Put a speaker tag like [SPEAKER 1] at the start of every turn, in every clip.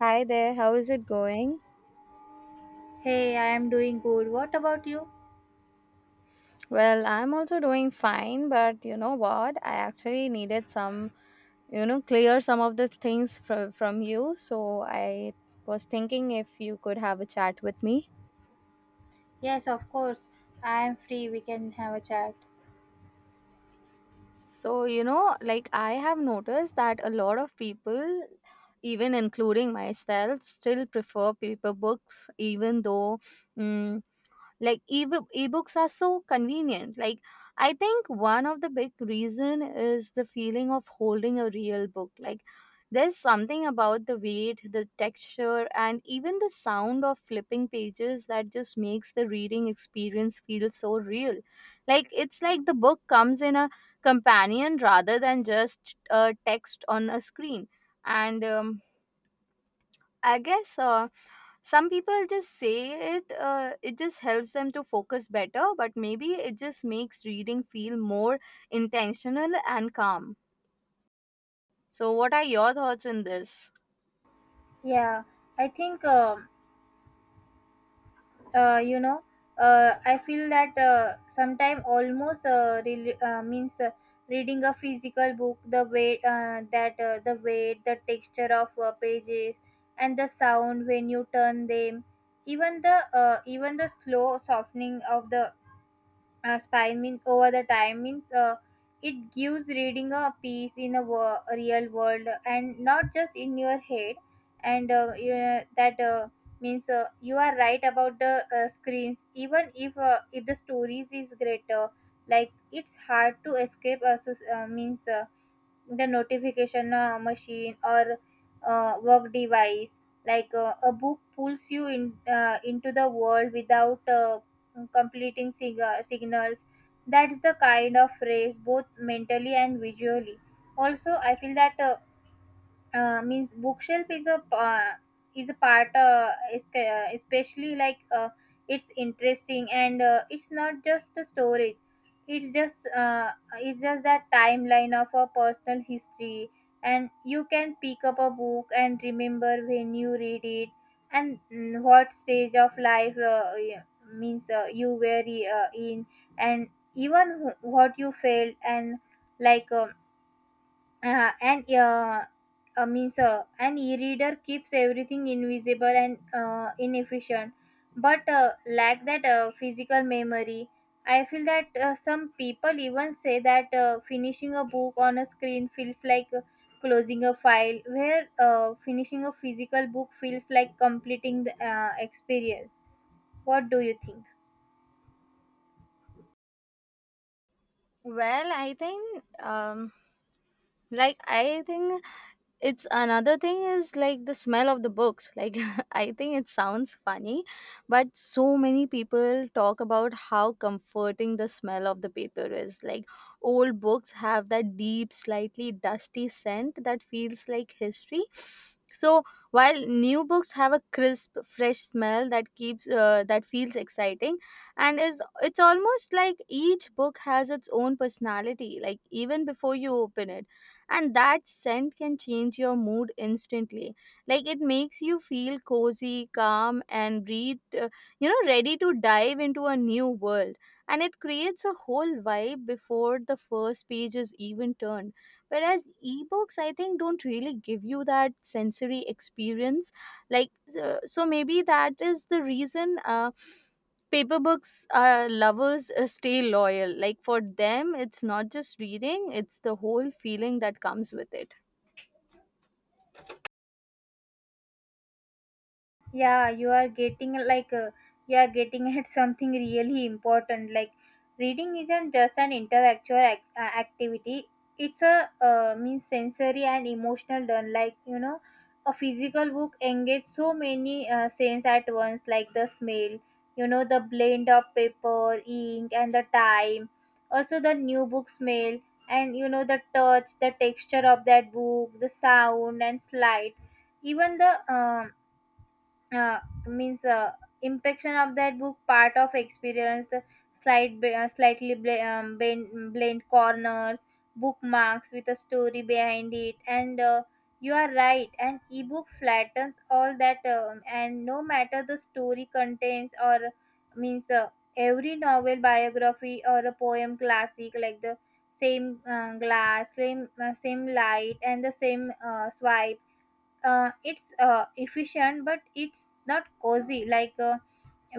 [SPEAKER 1] Hi there, how is it going?
[SPEAKER 2] Hey, I am doing good. What about you?
[SPEAKER 1] Well, I'm also doing fine, but you know what? I actually needed some, clear some of the things from you. So I was thinking if you could have a chat with me.
[SPEAKER 2] Yes, of course. I am free. We can have a chat.
[SPEAKER 1] So, you know, like I have noticed that a lot of people, even including myself, still prefer paper books, even though. mm, like ebooks are so convenient. Like I think one of the big reason is the feeling of holding a real book. Like there's something about the weight, the texture, and even the sound of flipping pages that just makes the reading experience feel so real. Like it's like the book comes in a companion rather than just a text on a screen. And I guess some people just say it just helps them to focus better, but maybe it just makes reading feel more intentional and calm. So what are your thoughts on this?
[SPEAKER 2] Yeah, I think uh, you know. I feel that sometime almost means reading a physical book, the weight, the texture of pages, and the sound when you turn them, even the slow softening of the spine means over the time means it gives reading a piece in a real world and not just in your head. And yeah, that means you are right about the screens, even if the stories is greater. Like it's hard to escape, so, means the notification machine or work device. Like a book pulls you in into the world without completing signals. That's the kind of race, both mentally and visually. Also, I feel that means bookshelf is a part, is, especially like it's interesting, and it's not just a storage. It's just that timeline of a personal history. And you can pick up a book and remember when you read it, and what stage of life, y- means you were in, and even what you felt. And like um, uh, and uh, means an e-reader keeps everything invisible and inefficient, but lack that physical memory. I feel that some people even say that finishing a book on a screen feels like closing a file, where finishing a physical book feels like completing the experience. What do you think?
[SPEAKER 1] Well, I think like I think it's another thing is like the smell of the books like I think it sounds funny, but so many people talk about how comforting the smell of the paper is. Like old books have that deep, slightly dusty scent that feels like history, so while new books have a crisp, fresh smell that keeps that feels exciting. And is it's almost like each book has its own personality, like even before you open it, and that scent can change your mood instantly. Like it makes you feel cozy, calm, and ready to dive into a new world. And it creates a whole vibe before the first page is even turned. Whereas ebooks, I think, don't really give you that sensory experience. like so maybe that is the reason paper books are lovers stay loyal. Like for them, it's not just reading, it's the whole feeling that comes with it.
[SPEAKER 2] Yeah, you are getting at something really important. Like reading isn't just an intellectual activity. It's a means sensory and emotional learn, like a physical book engages so many sense at once, like the smell, you know, the blend of paper, ink, and the time, also the new book smell, and you know, the touch, the texture of that book, the sound and slide, even the uh, means impection of that book, part of experience. The slightly blend corners, bookmarks with a story behind it. And you are right, an ebook flattens all that, and no matter the story contains, or means every novel, biography, or a poem classic, like the same glass, same light, and the same swipe. It's efficient, but it's not cozy. Like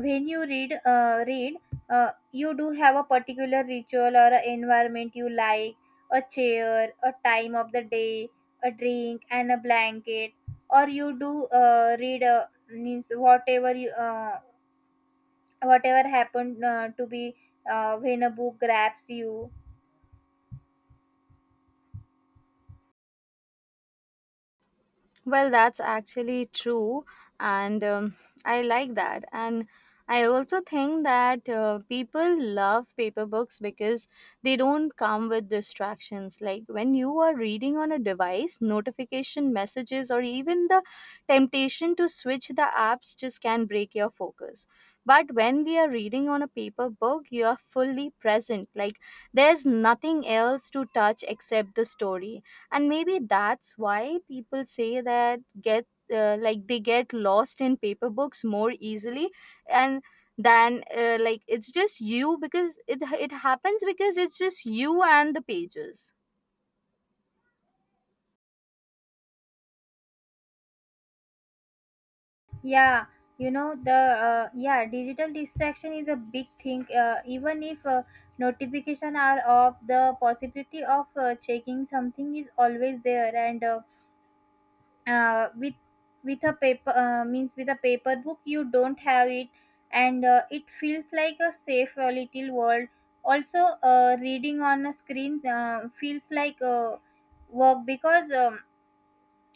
[SPEAKER 2] when you read, you do have a particular ritual or a environment you like, a chair, a time of the day, a drink and a blanket, or you do read, means whatever you whatever happened to be, when a book grabs you.
[SPEAKER 1] Well, that's actually true, and I like that. And I also think that people love paper books because they don't come with distractions. Like when you are reading on a device, notification messages, or even the temptation to switch the apps just can break your focus. But when we are reading on a paper book, you are fully present. Like there's nothing else to touch except the story, and maybe that's why people say that get like they get lost in paper books more easily, and than like it's just you because it happens because it's just you and the pages.
[SPEAKER 2] Yeah, you know the yeah, digital distraction is a big thing. Even if notification are off, the possibility of checking something is always there. And uh, with with a paper book, you don't have it, and it feels like a safe little world. Also, reading on a screen feels like work, because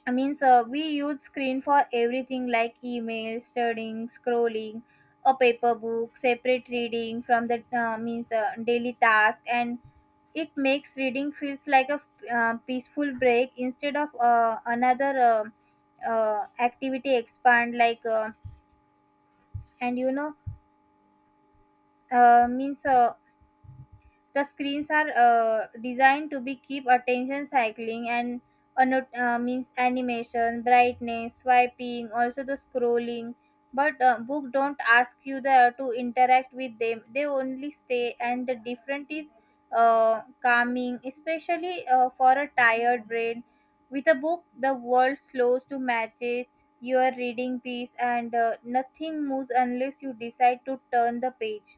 [SPEAKER 2] I mean, sir, we use screen for everything, like email, studying, scrolling. A paper book, separate reading from the means daily task, and it makes reading feels like a peaceful break instead of another activity expand, like and you know, means the screens are designed to be keep attention cycling, and means animation, brightness, swiping, also the scrolling. But book don't ask you the, to interact with them. They only stay, and the different is calming, especially for a tired brain. With a book, the world slows to matches your reading piece, and nothing moves unless you decide to turn the page.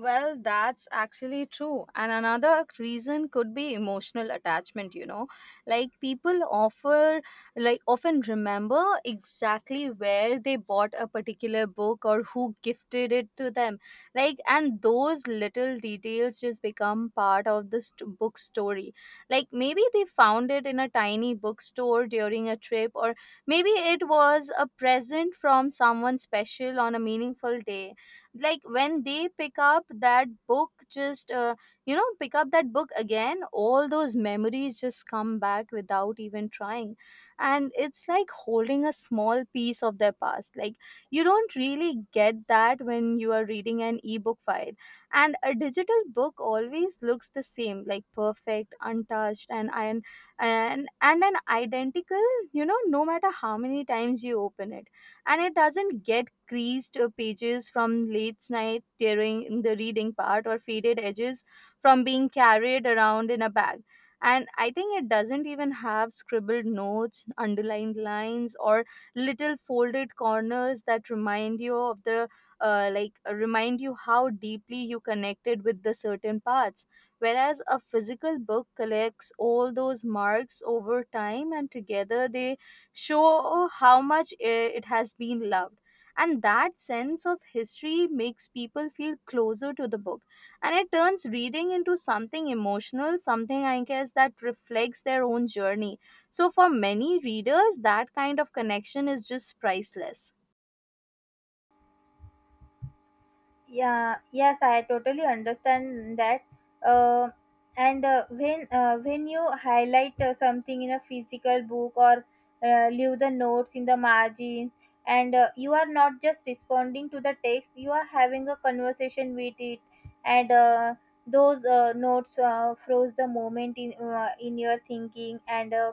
[SPEAKER 1] Well, that's actually true. And another reason could be emotional attachment, you know. Like people offer like often remember exactly where they bought a particular book or who gifted it to them. Like, and those little details just become part of the book story. Like maybe they found it in a tiny bookstore during a trip, or maybe it was a present from someone special on a meaningful day. Like when they pick up that book just you know pick up that book again, all those memories just come back without even trying. And it's like holding a small piece of their past. Like you don't really get that when you are reading an ebook file. And a digital book always looks the same, like perfect, untouched, and an identical, you know, no matter how many times you open it. And it doesn't get creased pages from late night during the reading part, or faded edges from being carried around in a bag. And I think it doesn't even have scribbled notes, underlined lines, or little folded corners that remind you of the like remind you how deeply you connected with the certain parts, whereas a physical book collects all those marks over time, and together they show how much it has been loved. And that sense of history makes people feel closer to the book. And it turns reading into something emotional, something I guess that reflects their own journey. So for many readers, that kind of connection is just priceless.
[SPEAKER 2] Yeah, yes, I totally understand that. uh, and when you highlight something in a physical book, or leave the notes in the margins, and you are not just responding to the text, you are having a conversation with it. And those notes froze the moment in your thinking. And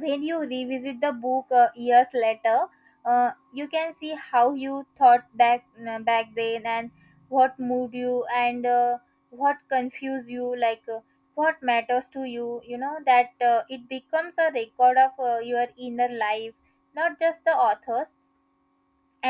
[SPEAKER 2] when you revisit the book years later, you can see how you thought back then, and what moved you, and what confused you, like what matters to you. You know that it becomes a record of your inner life, not just the author's.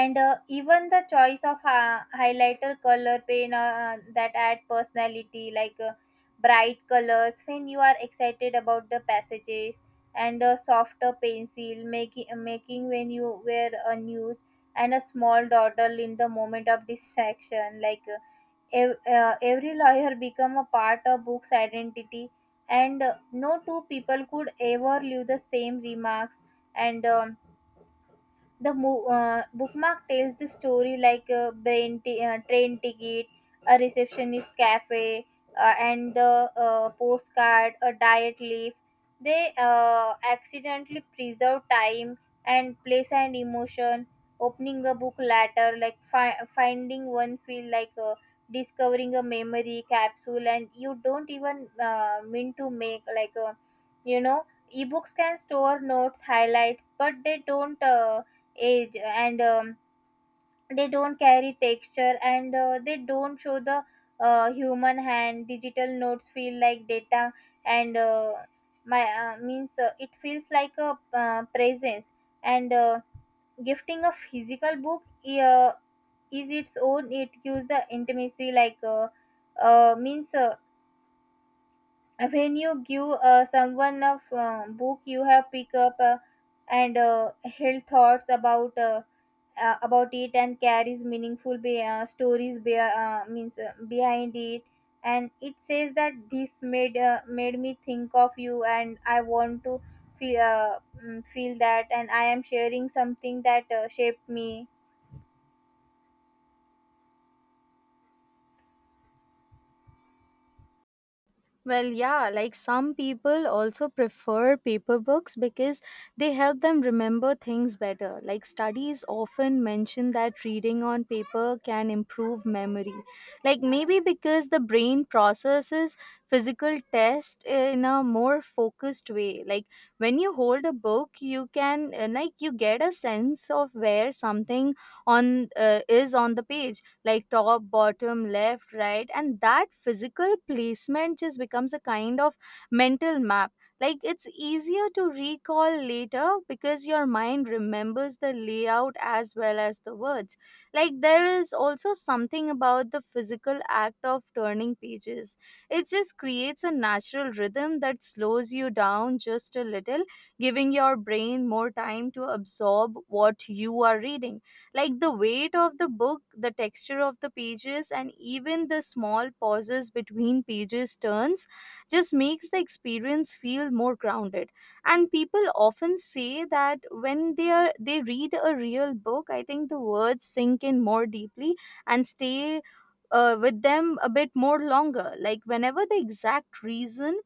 [SPEAKER 2] And even the choice of highlighter color pen, that add personality. Like bright colors when you are excited about the passages, and a softer pencil making making when you wear a news, and a small dawdle in the moment of distraction, like every lawyer become a part of book's identity. And no two people could ever leave the same remarks. And bookmark tells the story, like a train ticket, a receptionist cafe, and the postcard, a diet leaf. They accidentally preserve time and place and emotion. Opening a book later, like finding one, feel like discovering a memory capsule, and you don't even mean to make like a, you know. Ebooks can store notes highlights, but they don't age, and they don't carry texture, and they don't show the human hand. Digital notes feel like data, and my means it feels like a presence. And gifting a physical book, uh, is its own, it gives the intimacy. Like means when you give someone a book, you have pick up and held thoughts about it, and carries meaningful stories be- means behind it. And it says that this made made me think of you, and I want to feel feel that, and I am sharing something that shaped me.
[SPEAKER 1] Well, yeah, like some people also prefer paper books because they help them remember things better. Like studies often mention that reading on paper can improve memory. Like maybe because the brain processes physical test in a more focused way. Like when you hold a book, you can like you get a sense of where something on is on the page, like top, bottom, left, right, and that physical placement just becomes a kind of mental map. Like it's easier to recall later because your mind remembers the layout as well as the words. Like there is also something about the physical act of turning pages. It just creates a natural rhythm that slows you down just a little, giving your brain more time to absorb what you are reading. Like the weight of the book, the texture of the pages, and even the small pauses between pages turns just makes the experience feel more grounded. And people often say that when they read a real book, I think the words sink in more deeply and stay with them a bit more longer. Like whenever the exact reason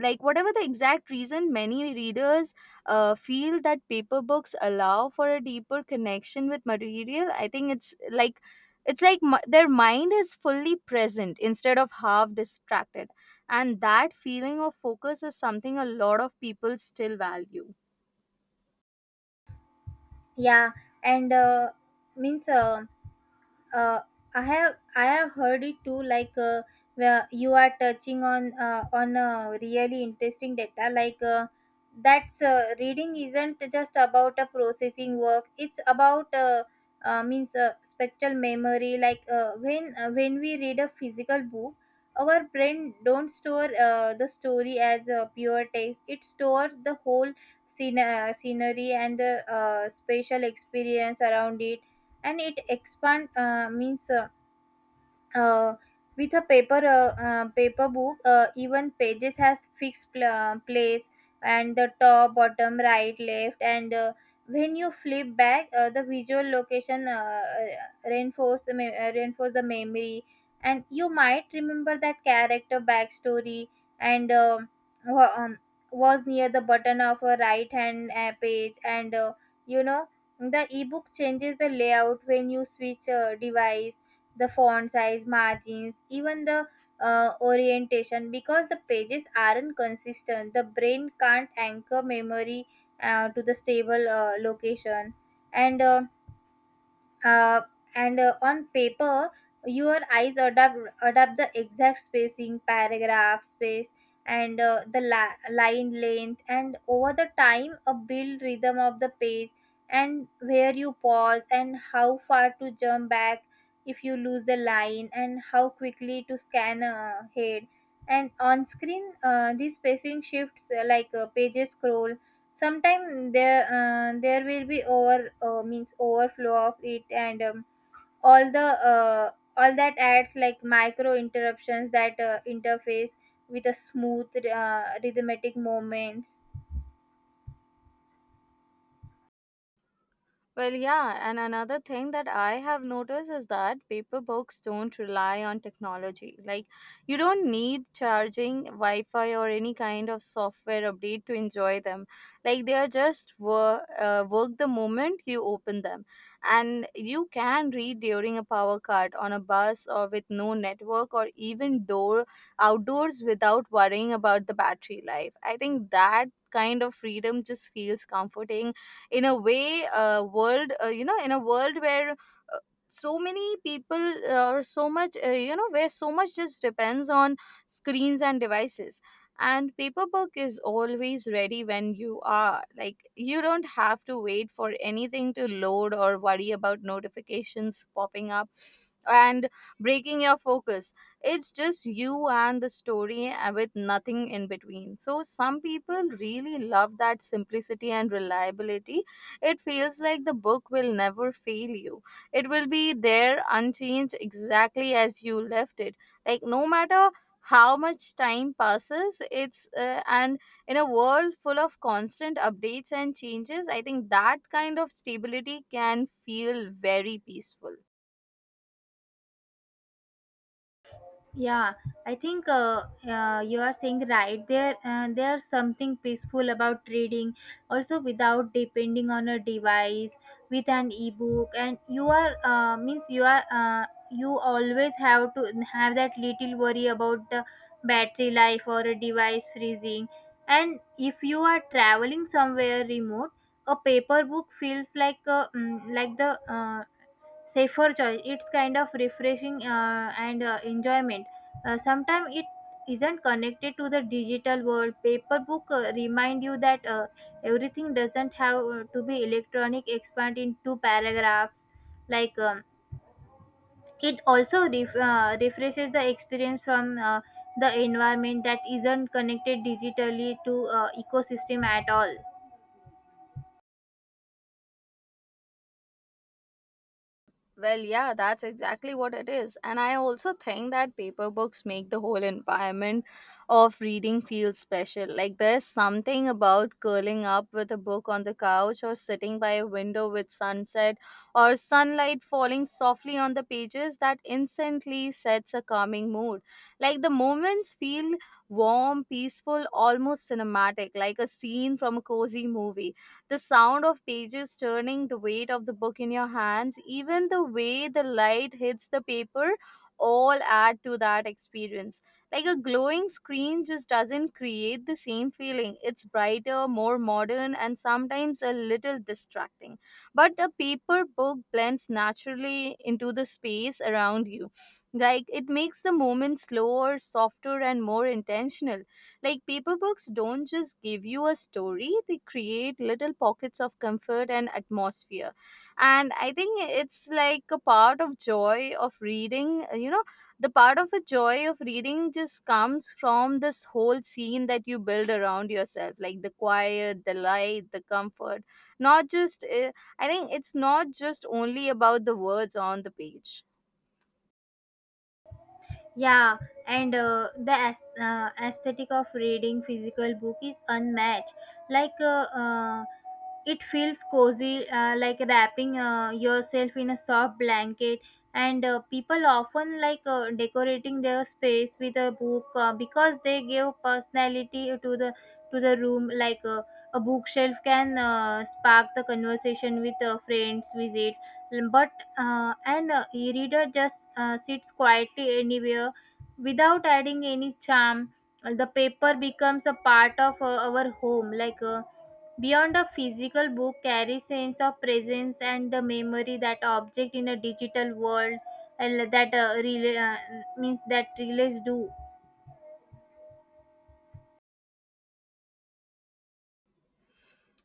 [SPEAKER 1] like whatever the exact reason, many readers feel that paper books allow for a deeper connection with material. I think it's like their mind is fully present instead of half distracted, and that feeling of focus is something a lot of people still value.
[SPEAKER 2] Yeah, and means uh, I have heard it too. Like where you are touching on a really interesting data. Like that's reading isn't just about a processing work. It's about means spectral memory. Like when we read a physical book, our brain don't store the story as a pure text. It stores the whole scene, scenery, and the spatial experience around it. And it expand means uh, with a paper paper book, even pages has fixed place, and the top, bottom, right, left. And when you flip back, the visual location reinforce the memory, and you might remember that character backstory, and wa- um, was near the button of a right hand page. And you know, the ebook changes the layout when you switch device, the font size, margins, even the orientation. Because the pages aren't consistent, the brain can't anchor memory to the stable location. And uh, on paper, your eyes adapt the exact spacing, paragraph space, and the line length, and over the time a build rhythm of the page, and where you pause, and how far to jump back if you lose the line, and how quickly to scan ahead. And on screen, these spacing shifts, like pages scroll. Sometimes there will be over means overflow of it. And all the all that adds like micro interruptions that interface with a smooth rhythmic moments.
[SPEAKER 1] Well, yeah, and another thing that I have noticed is that paper books don't rely on technology. Like, you don't need charging, Wi Fi, or any kind of software update to enjoy them. Like, they are just work the moment you open them. And you can read during a power cut, on a bus, or with no network, or even door outdoors without worrying about the battery life. I think that kind of freedom just feels comforting in a way world you know in a world where so many people or so much, where so much just depends on screens and devices. And paper book is always ready when you are. Like you don't have to wait for anything to load or worry about notifications popping up and breaking your focus. It's just you and the story, with nothing in between. So some people really love that simplicity and reliability. It feels like the book will never fail you. It will be there unchanged, exactly as you left it. Like no matter how much time passes, it's and in a world full of constant updates and changes, I think that kind of stability can feel very peaceful.
[SPEAKER 2] Yeah, I think you are saying right. There's something peaceful about reading, also without depending on a device. With an ebook, and you are means you are you always have to have that little worry about the battery life or a device freezing. And if you are traveling somewhere remote, a paper book feels like a, mm, like the safer choice. It's kind of refreshing and enjoyment. Sometimes it isn't connected to the digital world. Paper book remind you that everything doesn't have to be electronic expand into paragraphs. Like it also refreshes the experience from the environment that isn't connected digitally to ecosystem at all.
[SPEAKER 1] Well, yeah, that's exactly what it is. And I also think that paper books make the whole environment of reading feel special. Like, there's something about curling up with a book on the couch, or sitting by a window with sunset or sunlight falling softly on the pages, that instantly sets a calming mood. Like, the moments feel warm, peaceful, almost cinematic, like a scene from a cozy movie. The sound of pages turning, the weight of the book in your hands, even the way the light hits the paper, all add to that experience. Like a glowing screen just doesn't create the same feeling. It's brighter, more modern, and sometimes a little distracting. But a paper book blends naturally into the space around you. Like it makes the moment slower, softer, and more intentional. Like paper books don't just give you a story, they create little pockets of comfort and atmosphere. And I think it's like a part of joy of reading, you know, the part of a joy of reading just comes from this whole scene that you build around yourself, like the quiet, the light, the comfort. Not just, I think it's not just only about the words on the page.
[SPEAKER 2] Yeah, and the aesthetic of reading physical book is unmatched. Like it feels cozy, like wrapping yourself in a soft blanket. And people often decorating their space with a book because they give personality to the room. A bookshelf can spark the conversation with friends, visit, But an e-reader just sits quietly anywhere without adding any charm. The paper becomes a part of our home, like. Beyond a physical book carries sense of presence and the memory that object in a digital world and that rela- means that relays do.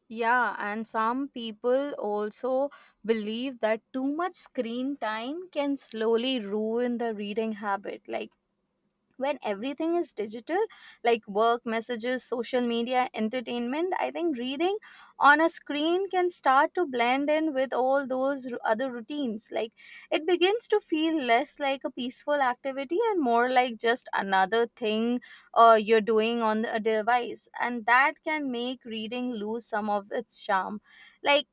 [SPEAKER 1] Yeah, and some people also believe that too much screen time can slowly ruin the reading habit. Like when everything is digital, like work messages, social media, entertainment, I think reading on a screen can start to blend in with all those other routines. Like it begins to feel less like a peaceful activity and more like just another thing you're doing on a device, and that can make reading lose some of its charm. like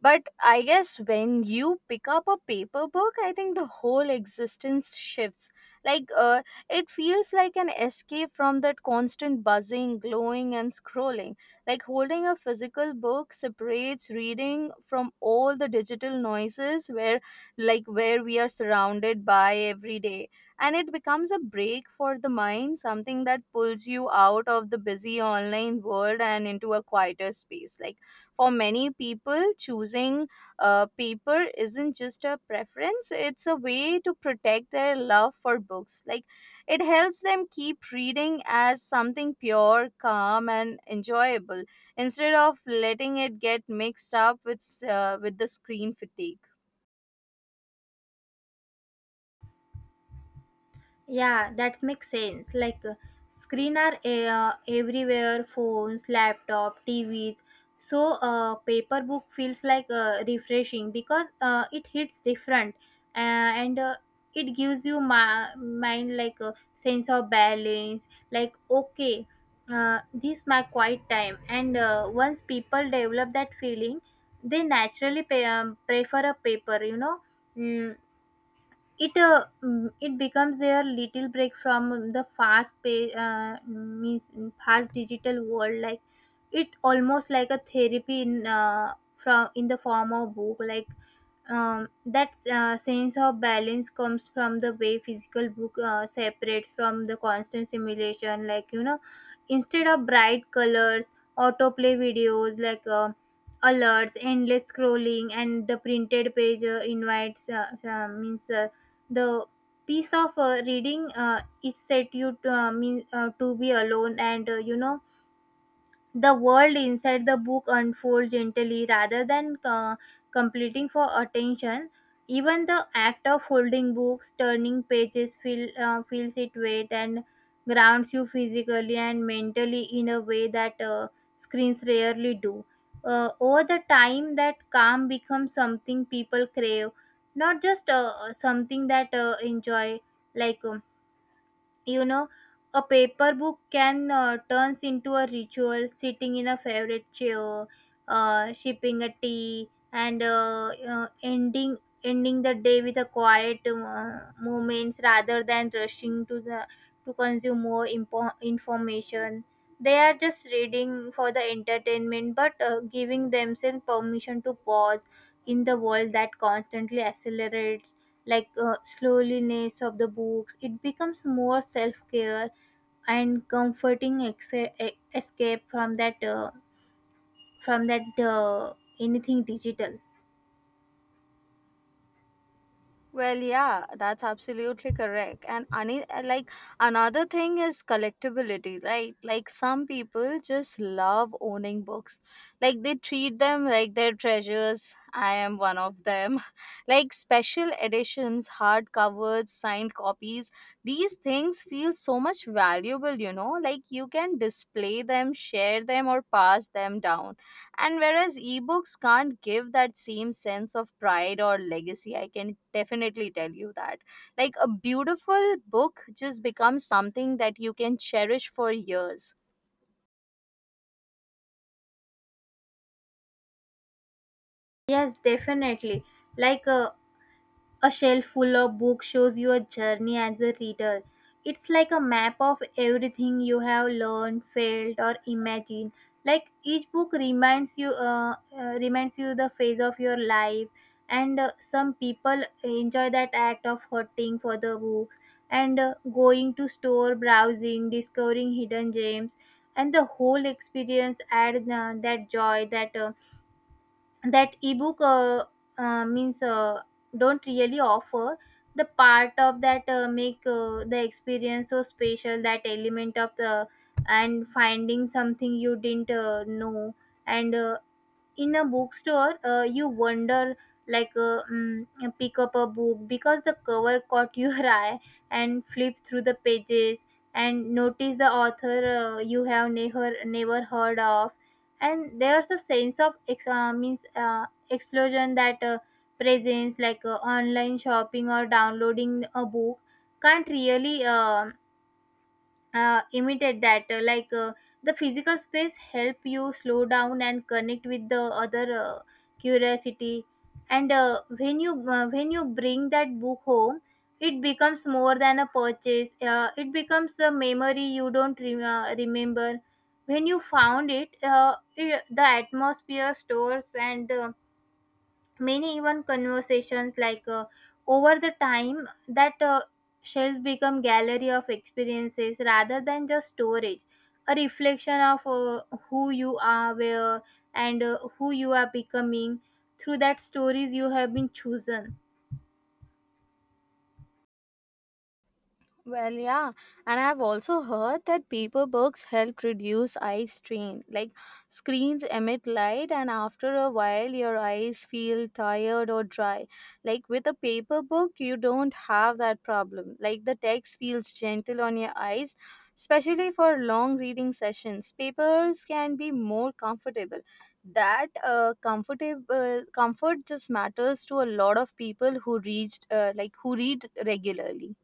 [SPEAKER 1] but I guess when you pick up a paper book, I think the whole existence shifts. Like, uh, it feels like an escape from that constant buzzing, glowing, and scrolling. Like, holding a physical book separates reading from all the digital noises where, like, where we are surrounded by every day. And it becomes a break for the mind, something that pulls you out of the busy online world and into a quieter space. Like, for many people, choosing paper isn't just a preference, it's a way to protect their love for books. Like, it helps them keep reading as something pure, calm, and enjoyable, instead of letting it get mixed up with the screen fatigue.
[SPEAKER 2] Yeah, that makes sense. Screen are everywhere, phones, laptop, TVs. So paper book feels like refreshing because it hits different uh, and it gives you mind like a sense of balance. Like okay, this my quiet time. And once people develop that feeling, they naturally prefer a paper. You know. Mm, it becomes their little break from the fast pay means fast digital world like it almost like a therapy in the form of book like that sense of balance comes from the way physical book separates from the constant simulation, like, you know, instead of bright colors, autoplay videos, alerts, endless scrolling, and the printed page invites means the piece of reading is set you to, to be alone and, you know, the world inside the book unfolds gently rather than completing for attention. Even the act of holding books, turning pages, feels it weight and grounds you physically and mentally in a way that screens rarely do. Over the time, that calm becomes something people crave, not just something that enjoy. Like um, you know, a paper book can turns into a ritual sitting in a favorite chair, sipping a tea, and ending the day with a quiet moments rather than rushing to the to consume more information. They are just reading for the entertainment but giving themselves permission to pause in the world that constantly accelerates. Slowness of the books it becomes more self-care and comforting escape from that from that uh, anything digital.
[SPEAKER 1] Well, yeah, that's absolutely correct. And any, like, another thing is collectibility, right? Like some people just love owning books. Like they treat them like their treasures. I am one of them. Like special editions, hardcovers, signed copies. These things feel so much valuable, you know? Like you can display them, share them, or pass them down. And whereas ebooks can't give that same sense of pride or legacy, I can definitely tell you that. Like a beautiful book just becomes something that you can cherish for years.
[SPEAKER 2] Yes, definitely. like uh, A shelf full of books shows your journey as a reader. It's like a map of everything you have learned, felt, or imagined. Like each book reminds you the phase of your life. And some people enjoy that act of hunting for the books and going to store, browsing, discovering hidden gems, and the whole experience adds that joy, that ebook means don't really offer the part of that make the experience so special, that element of the and finding something you didn't know. And in a bookstore you wonder, like uh, mm, pick up a book because the cover caught your eye and flip through the pages and notice the author you have never heard of, and there's a sense of ex- means explosion that presence. Online shopping or downloading a book can't really imitate that. The physical space help you slow down and connect with the other curiosity. And when you bring that book home, it becomes more than a purchase. It becomes the memory you don't remember when you found it, it the atmosphere stores and the many even conversations, over the time that shelves become gallery of experiences rather than just storage, a reflection of who you are, where, and who you are becoming through that stories you have been chosen.
[SPEAKER 1] Well, yeah, and I've also heard that paper books help reduce eye strain. Like screens emit light, and after a while, your eyes feel tired or dry. Like with a paper book, you don't have that problem. Like the text feels gentle on your eyes, especially for long reading sessions. Papers can be more comfortable. That comfortable comfort just matters to a lot of people who reached like who read regularly.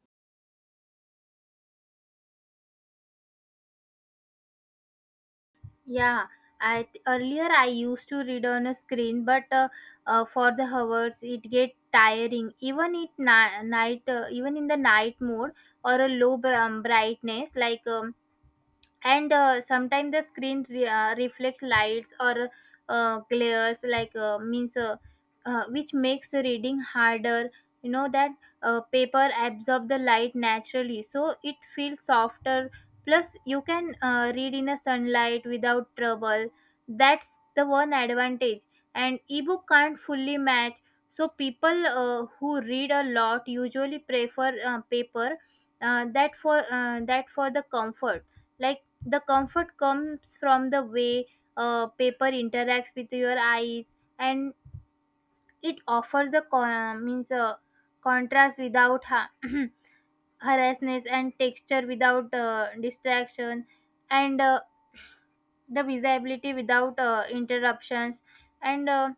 [SPEAKER 2] Yeah, earlier I used to read on a screen but for the hours it get tiring, even it ni- night even in the night mode or a low brightness. Like and Sometimes the screen reflects lights or glares, like means which makes reading harder, you know that. Paper absorb the light naturally so it feels softer, plus you can read in a sunlight without trouble. That's the one advantage and ebook can't fully match. So people who read a lot usually prefer paper, that for the comfort. Like the comfort comes from the way paper interacts with your eyes, and it offers the con- means contrast without harassness, and texture without distraction, and the visibility without interruptions. And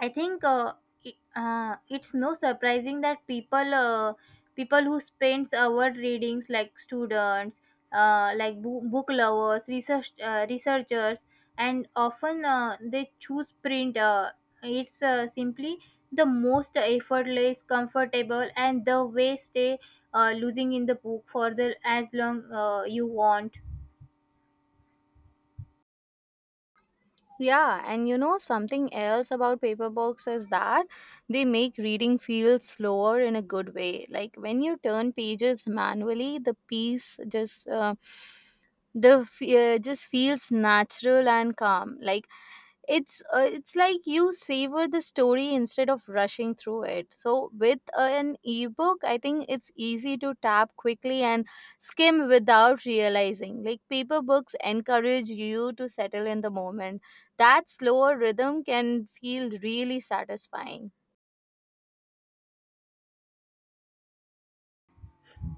[SPEAKER 2] I think it, it's no surprising that people who spends our readings like students, book lovers, researchers, and often they choose print. It's simply the most effortless, comfortable, and the way stay losing in the book for the as long you want.
[SPEAKER 1] Yeah, and you know something else about paper books is that they make reading feel slower in a good way. Like when you turn pages manually, the piece just feels natural and calm. Like it's like you savor the story instead of rushing through it. So with an ebook, I think it's easy to tap quickly and skim without realizing. Like paper books encourage you to settle in the moment. That slower rhythm can feel really satisfying.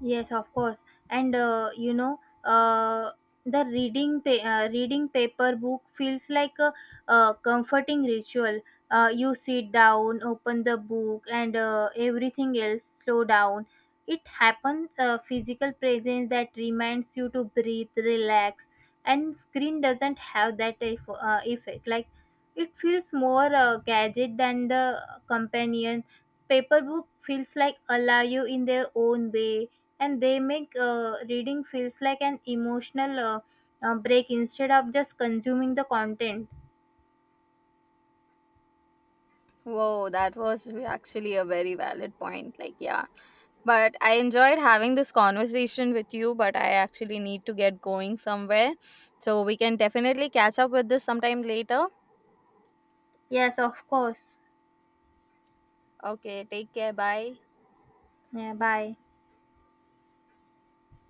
[SPEAKER 2] Yes, of course. And, you know, the reading paper book feels like a comforting ritual. You sit down, open the book, and everything else slow down. It happens physical presence that reminds you to breathe, relax, and screen doesn't have that effect. Like it feels more gadget than the companion. Paper book feels like allow you in their own way, and they make reading feels like an emotional break instead of just consuming the content.
[SPEAKER 1] Whoa, that was actually a very valid point. Like, yeah, but I enjoyed having this conversation with you, but I actually need to get going somewhere. So we can definitely catch up with this sometime later.
[SPEAKER 2] Yes, of course.
[SPEAKER 1] Okay, take care. Bye.
[SPEAKER 2] Yeah, bye.